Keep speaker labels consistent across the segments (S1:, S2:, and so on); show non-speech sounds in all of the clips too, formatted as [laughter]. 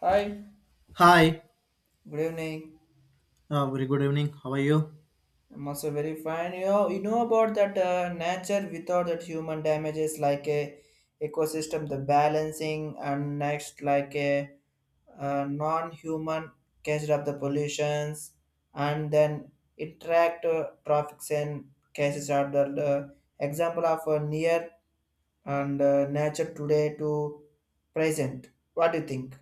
S1: Hi,
S2: Hi,
S1: good evening.
S2: very good evening. How are you?
S1: I'm also very fine. You know about that nature without that human damages like a ecosystem, the balancing, and next like a, non-human catch up the pollutions, and then interact traffics and cases are the example of near and nature today to present. What do you think?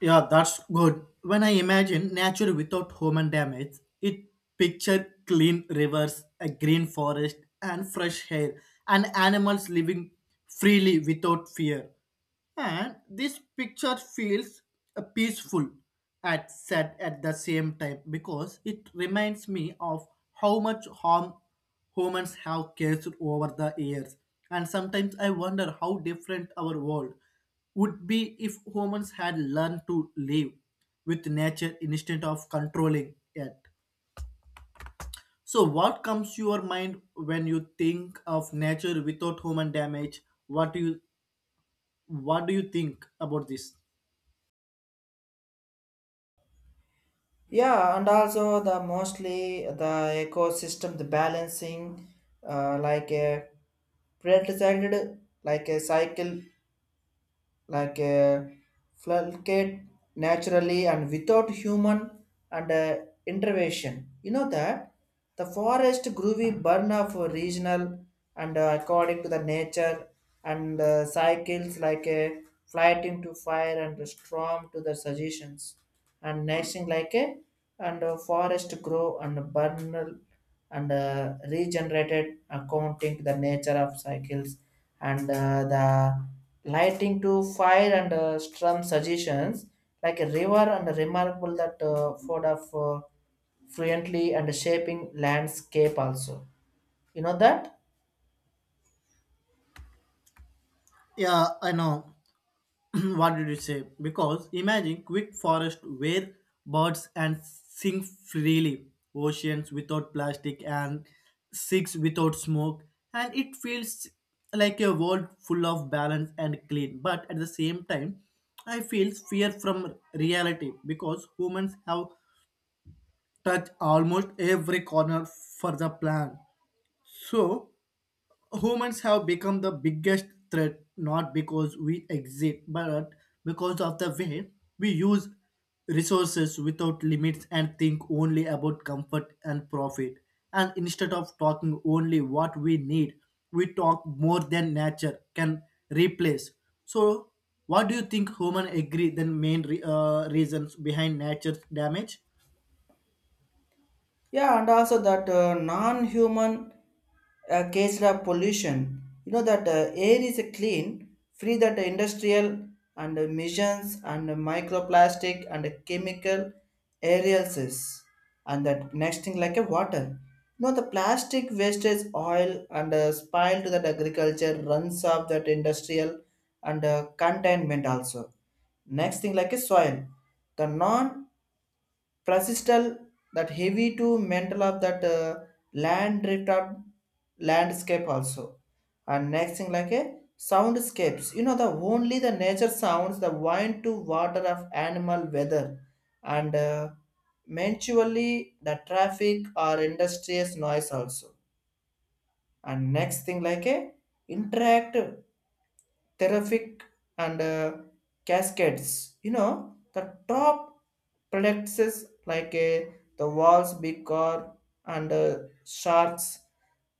S2: Yeah, that's good. When I imagine nature without human damage, it picture clean rivers, a green forest, and fresh air, and animals living freely without fear. And this picture feels peaceful and sad at the same time because it reminds me of how much harm humans have caused over the years. And sometimes I wonder how different our world would be if humans had learned to live with nature instead of controlling it. So what comes to your mind when you think of nature without human damage? what do you what do you think about this?
S1: Yeah, and also the mostly the ecosystem the balancing, like a predicted like a cycle like fluctuate naturally and without human and intervention. You know that the forest groovy burn of regional and according to the nature and cycles like a flight into fire and a storm to the suggestions and next thing like a and forest grow and burn and regenerated accounting the nature of cycles and the lighting to fire and strum suggestions like a river and remarkable that for the fluently and shaping landscape also, you know that.
S2: Yeah, I know. [clears throat] What did you say? Because imagine quick forest where birds and sing freely, oceans without plastic and six without smoke, and it feels like a world full of balance and clean. But at the same time, I feel fear from reality because humans have touched almost every corner for the plan. So humans have become the biggest threat, not because we exist but because of the way we use resources without limits and think only about comfort and profit. And instead of talking only what we need, we talk more than nature can replace. So what do you think human agree the main reasons behind nature's damage?
S1: Yeah, and also that non-human case of pollution. You know that air is a clean, free that industrial and emissions and microplastic and chemical aerials. And that next thing like a water. You know the plastic wastage oil and spoil to that agriculture runs off that industrial and containment also, next thing like a soil, the non Franciscal, that heavy to mantle of that land drift of landscape also. And next thing like a soundscapes. You know the only the nature sounds, the wind to water of animal weather, and eventually the traffic or industrious noise also. And next thing like a interact terrific and cascades. You know, the top plexus like the walls, big car, and sharks,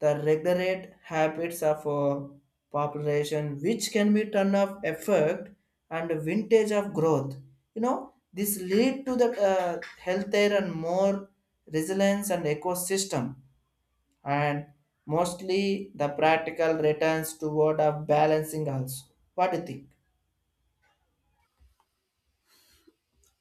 S1: the regulate habits of population, which can be turn off effect and vintage of growth. You know, this lead to the healthier and more resilience and ecosystem, and mostly the practical returns toward a balancing also. What do you think?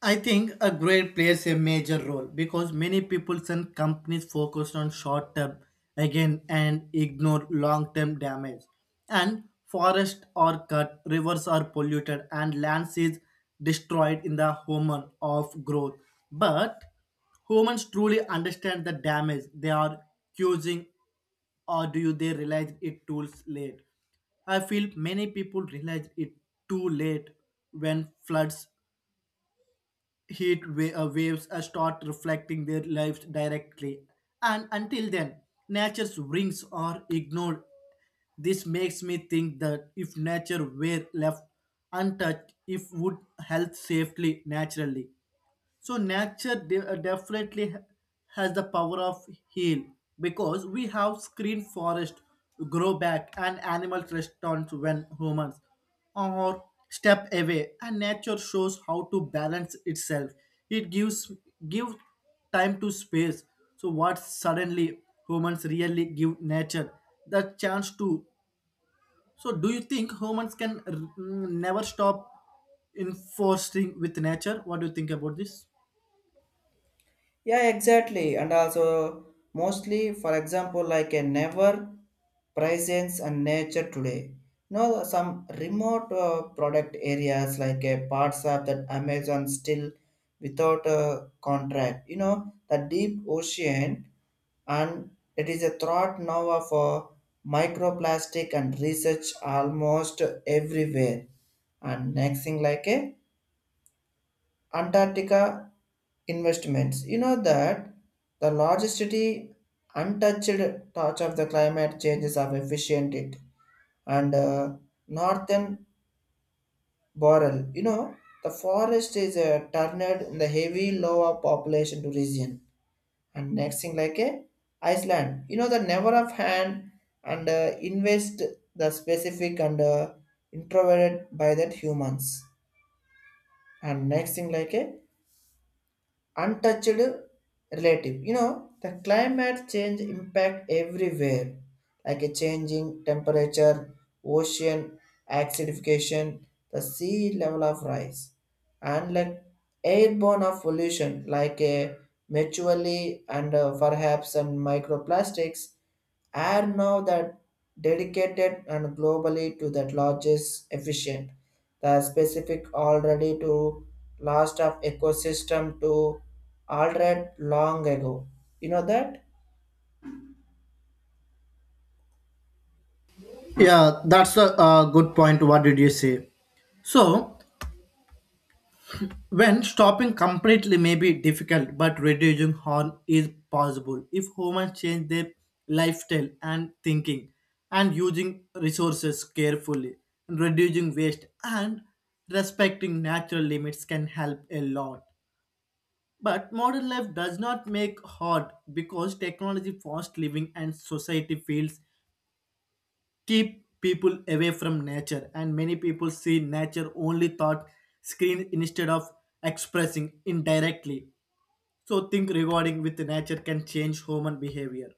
S2: I think a grade plays a major role because many people and companies focus on short term again and ignore long term damage. And forests are cut, rivers are polluted, and lands is destroyed in the hormone of growth. But humans truly understand the damage they are causing, or do you they realize it too late? I feel many people realize it too late when floods, waves start reflecting their lives directly. And until then, nature's rings are ignored. This makes me think that if nature were left untouched, it would health safely naturally. So nature definitely has the power of heal because we have screen forest, grow back, and animal restaurants when humans or step away. And nature shows how to balance itself. It give time to space. So what suddenly humans really give nature the chance to. So do you think humans can never stop enforcing with nature? What do you think about this?
S1: Yeah, exactly. And also, mostly, for example, like a never presence and nature today. No, some remote product areas like a parts of that Amazon still without a contract. You know, the deep ocean and it is a threat now of microplastic and research almost everywhere. And next thing like a Antarctica investments. You know that the largest city untouched touch of the climate changes of efficient it and northern boreal. You know the forest is turned in the heavy lower population to region, and next thing like a Iceland. You know the never of hand and invest the specific and introverted by that humans, and next thing like a untouched relative. You know, the climate change impact everywhere, like a changing temperature, ocean acidification, the sea level of rise, and like airborne of pollution, like a mutually and perhaps some microplastics are now that dedicated and globally to that largest efficient the specific already to last of ecosystem to altered long ago, you know that.
S2: Yeah, that's a, good point. What did you say? So, when stopping completely may be difficult, but reducing harm is possible if humans change their lifestyle and thinking, and using resources carefully, reducing waste and respecting natural limits can help a lot. But modern life does not make hard because technology, fast living, and society feels keep people away from nature. And many people see nature only thought screen instead of expressing indirectly. So think regarding with nature can change human behavior.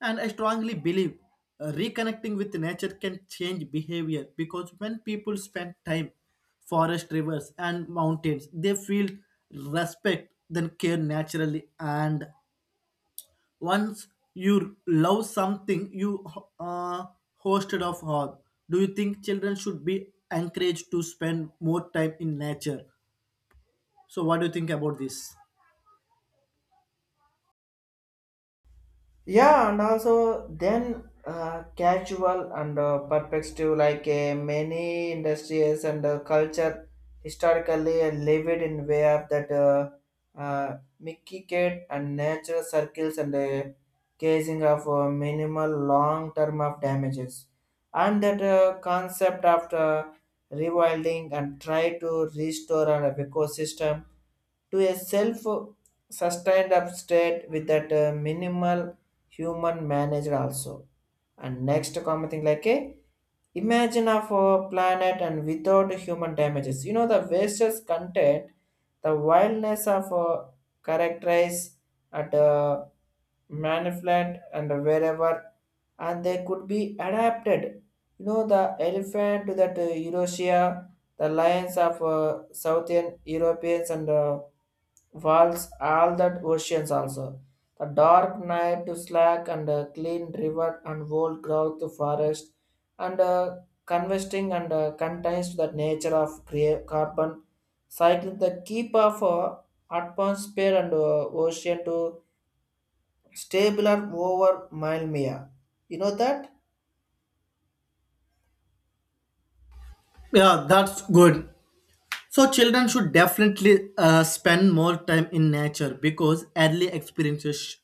S2: And I strongly believe reconnecting with nature can change behavior because when people spend time forest rivers and mountains, they feel respect then care naturally. And once you love something, you uh, hosted of all. Do you think children should be encouraged to spend more time in nature? So what do you think about this?
S1: Yeah, and also then casual and perspective like many industries and culture historically lived in way of that Mickey Kate and nature circles and casing of minimal long term of damages, and that concept of the rewilding and try to restore an ecosystem to a self sustained state with that minimal human managed also, and next common thing like a imagine of a planet and without human damages. You know the wastes content, the wildness of a characterize at a manifold and wherever, and they could be adapted. You know the elephant to that Eurasia, the lions of Southern Europeans and walls all that oceans also, the dark night to slack and a clean river and old growth to forest and convesting and contains the nature of crea- carbon cycle the keep of atmosphere and ocean to stabler over mile mia. You know that?
S2: Yeah, that's good. So children should definitely spend more time in nature because early experiences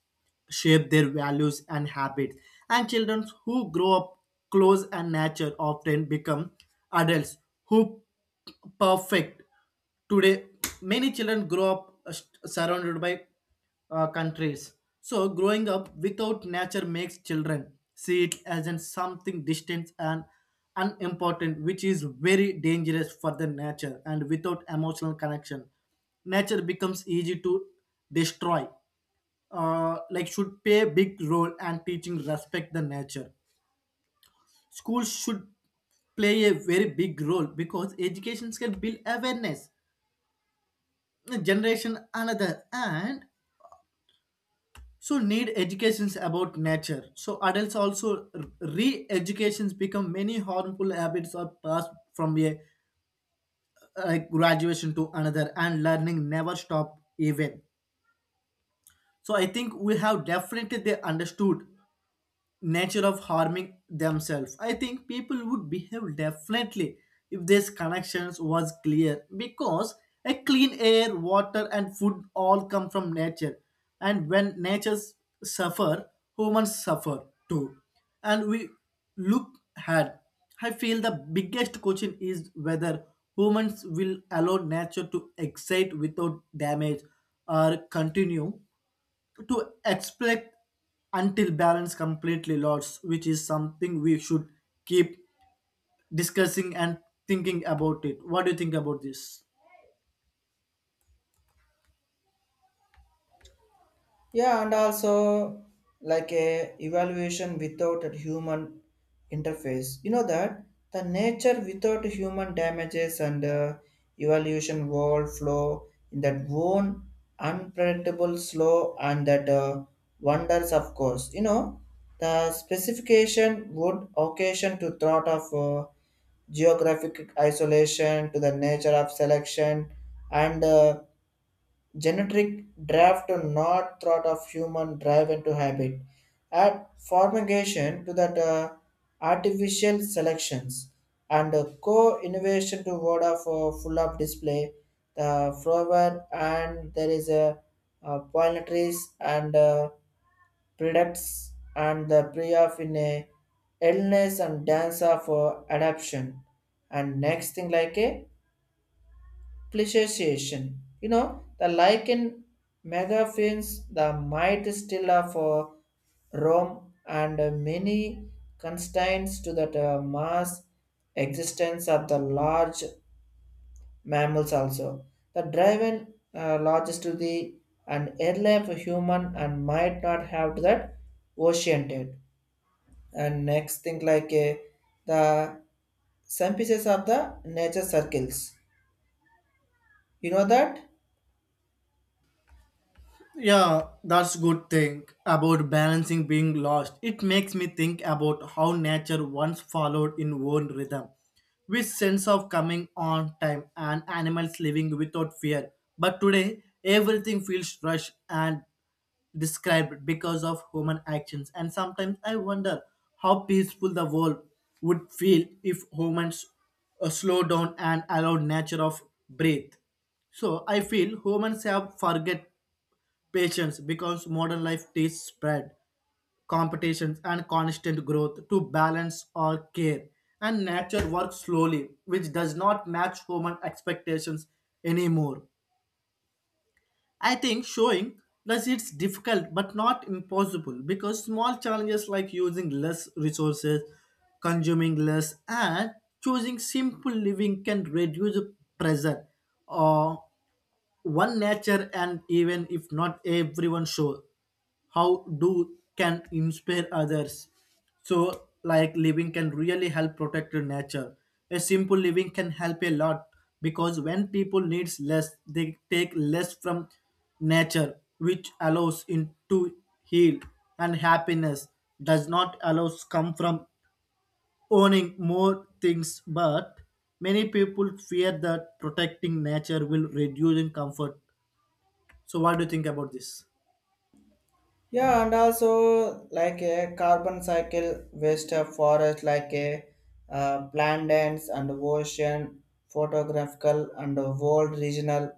S2: shape their values and habits. And children who grow up close and nature often become adults who perfect today. Many children grow up, uh, surrounded by, countries. So growing up without nature makes children see it as in something distant and unimportant, which is very dangerous for the nature. And without emotional connection, nature becomes easy to destroy. Like should play a big role and teaching respect the nature. Schools should play a very big role because educations can build awareness generation another. And so need educations about nature so adults also re-educations become many harmful habits are passed from a like graduation to another, and learning never stop even. So I think we have definitely they understood nature of harming themselves. I think people would behave differently if these connections was clear because a clean air, water and food all come from nature. And when natures suffer, humans suffer too. And we look ahead. I feel the biggest question is whether humans will allow nature to excite without damage or continue to expect until balance completely lost, which is something we should keep discussing and thinking about it. What do you think about this?
S1: Yeah, and also like a evaluation without a human interface. You know that the nature without human damages and evaluation world flow in that one unpredictable slow and that wonders of course. You know the specification would occasion to thought of geographic isolation to the nature of selection and genetic drive to not thought of human drive into habit add formation to that artificial selections and co-innovation to order for full up display the flower and there is a, pollinators and products and the pre of in a illness and dance of adaption, and next thing like a pleasuration. You know, the lichen megaphones, the might still are for Rome and many constraints to that mass existence of the large mammals also. The driven largest to the and airlife human and might not have to that oceanted. And next thing like the synthesis of the nature circles. You know that?
S2: Yeah, that's good thing about balancing being lost. It makes me think about how nature once followed in one rhythm, with sense of coming on time and animals living without fear. But today, everything feels rushed and described because of human actions. And sometimes I wonder how peaceful the world would feel if humans slow down and allow nature of breathe. So I feel humans have forget patience, because modern life teaches spread, competitions, and constant growth to balance our care. And nature works slowly, which does not match human expectations anymore. I think showing thus it's difficult but not impossible because small challenges like using less resources, consuming less, and choosing simple living can reduce pressure uh, one nature. And even if not everyone show how do can inspire others. So like living can really help protect your nature. A simple living can help a lot because when people needs less, they take less from nature, which allows in to heal. And happiness does not allows come from owning more things. But many people fear that protecting nature will reduce in comfort. So, what do you think about this?
S1: Yeah, and also like a carbon cycle waste of forest, like a plantains and ocean, photographical and world regional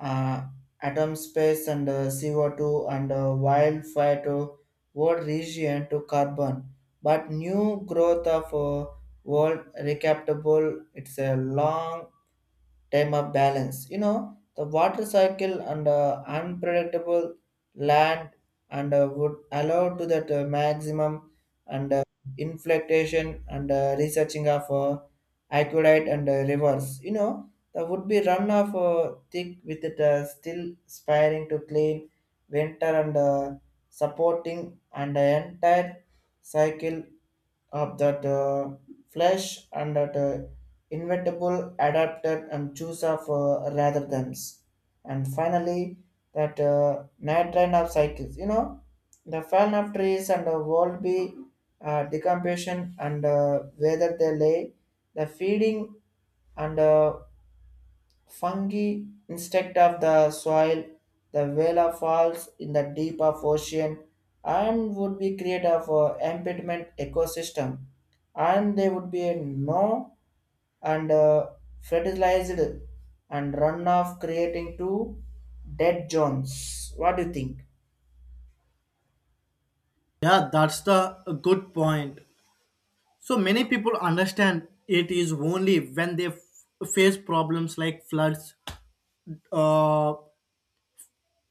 S1: uh, atom space and CO2 and wildfire to world region to carbon. But new growth of world recaptable, it's a long time of balance. You know, the water cycle and unpredictable land and would allow to that maximum and inflectation and researching of aqueduct and rivers. You know, the would be run of thick with it still aspiring to clean winter and supporting and the entire cycle of that flesh and that inevitable adapted and choose of rather than, and finally that night train of cycles, you know, the fan of trees and the world be decomposition and whether they lay the feeding and Fungi instead of the soil, the Vela falls in the deep of ocean and would be create of a impediment ecosystem, and they would be a no and fertilized and runoff creating two dead zones. What do you think?
S2: Yeah, that's the a good point. So many people understand it is only when they face problems like floods, uh,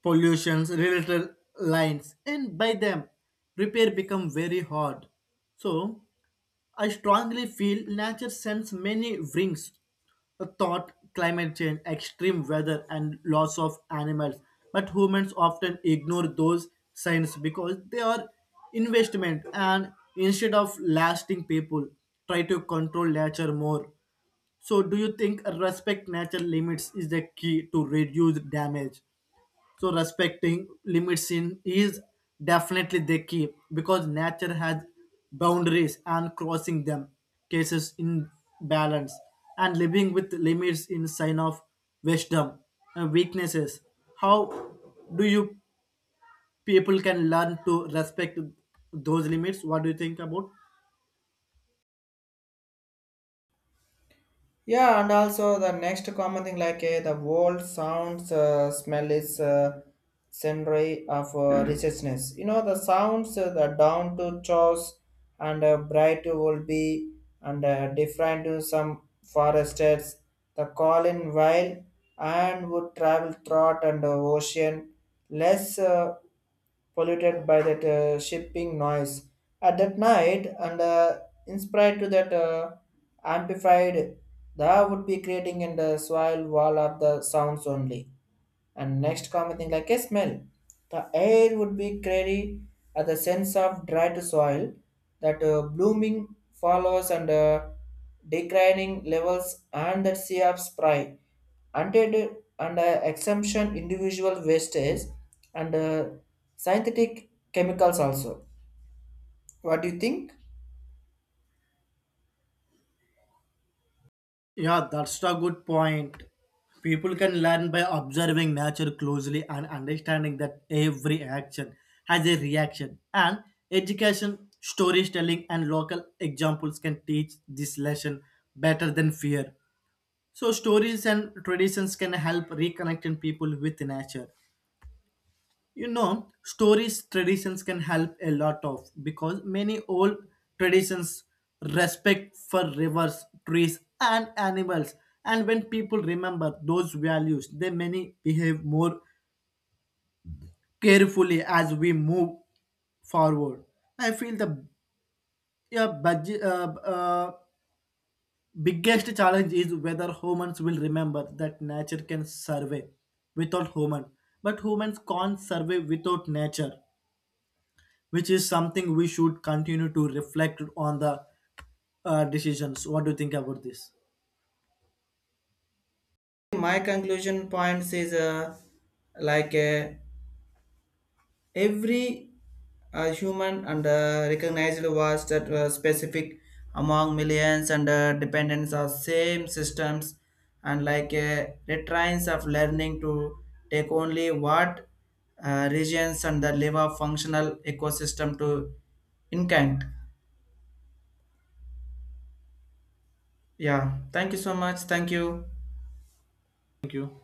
S2: pollutions, related lines, and by them repair become very hard. So I strongly feel nature sends many rings a thought, climate change, extreme weather, and loss of animals. But humans often ignore those signs because they are investment. And instead of lasting, people try to control nature more. So do you think respect nature limits is the key to reduce damage? So respecting limits in is definitely the key because nature has boundaries, and crossing them cases in balance. And living with limits in sign of wisdom and weaknesses. How do you people can learn to respect those limits? What do you think about?
S1: Yeah, and also the next common thing like eh, the world sounds smell is scenery of richness. You know the sounds the down to chores and bright will be and different to some foresters. The calling while and would travel throughout and ocean less. Polluted by that shipping noise at that night and inspired to that amplified that would be creating in the soil wall of the sounds only, and next common thing like a smell. The air would be crazy at the sense of dried soil, that blooming follows and declining levels and the sea of spray. Untainted and exemption individual wastage and synthetic chemicals also. What do you think?
S2: Yeah, that's a good point. People can learn by observing nature closely and understanding that every action has a reaction. And education, storytelling, and local examples can teach this lesson better than fear. So, stories and traditions can help reconnecting people with nature. You know, stories traditions can help a lot of because many old traditions respect for rivers trees and animals. And when people remember those values, they many behave more carefully as we move forward. I feel the yeah, budget, uh, uh, biggest challenge is whether humans will remember that nature can survive without human but humans can't survive without nature, which is something we should continue to reflect on the decisions. What do you think about this?
S1: My conclusion points is like a every human and recognized was that specific among millions and dependents of same systems and like retrains of learning to take only what regions and the liver functional ecosystem to incant. Yeah, thank you so much. Thank you.
S2: Thank you.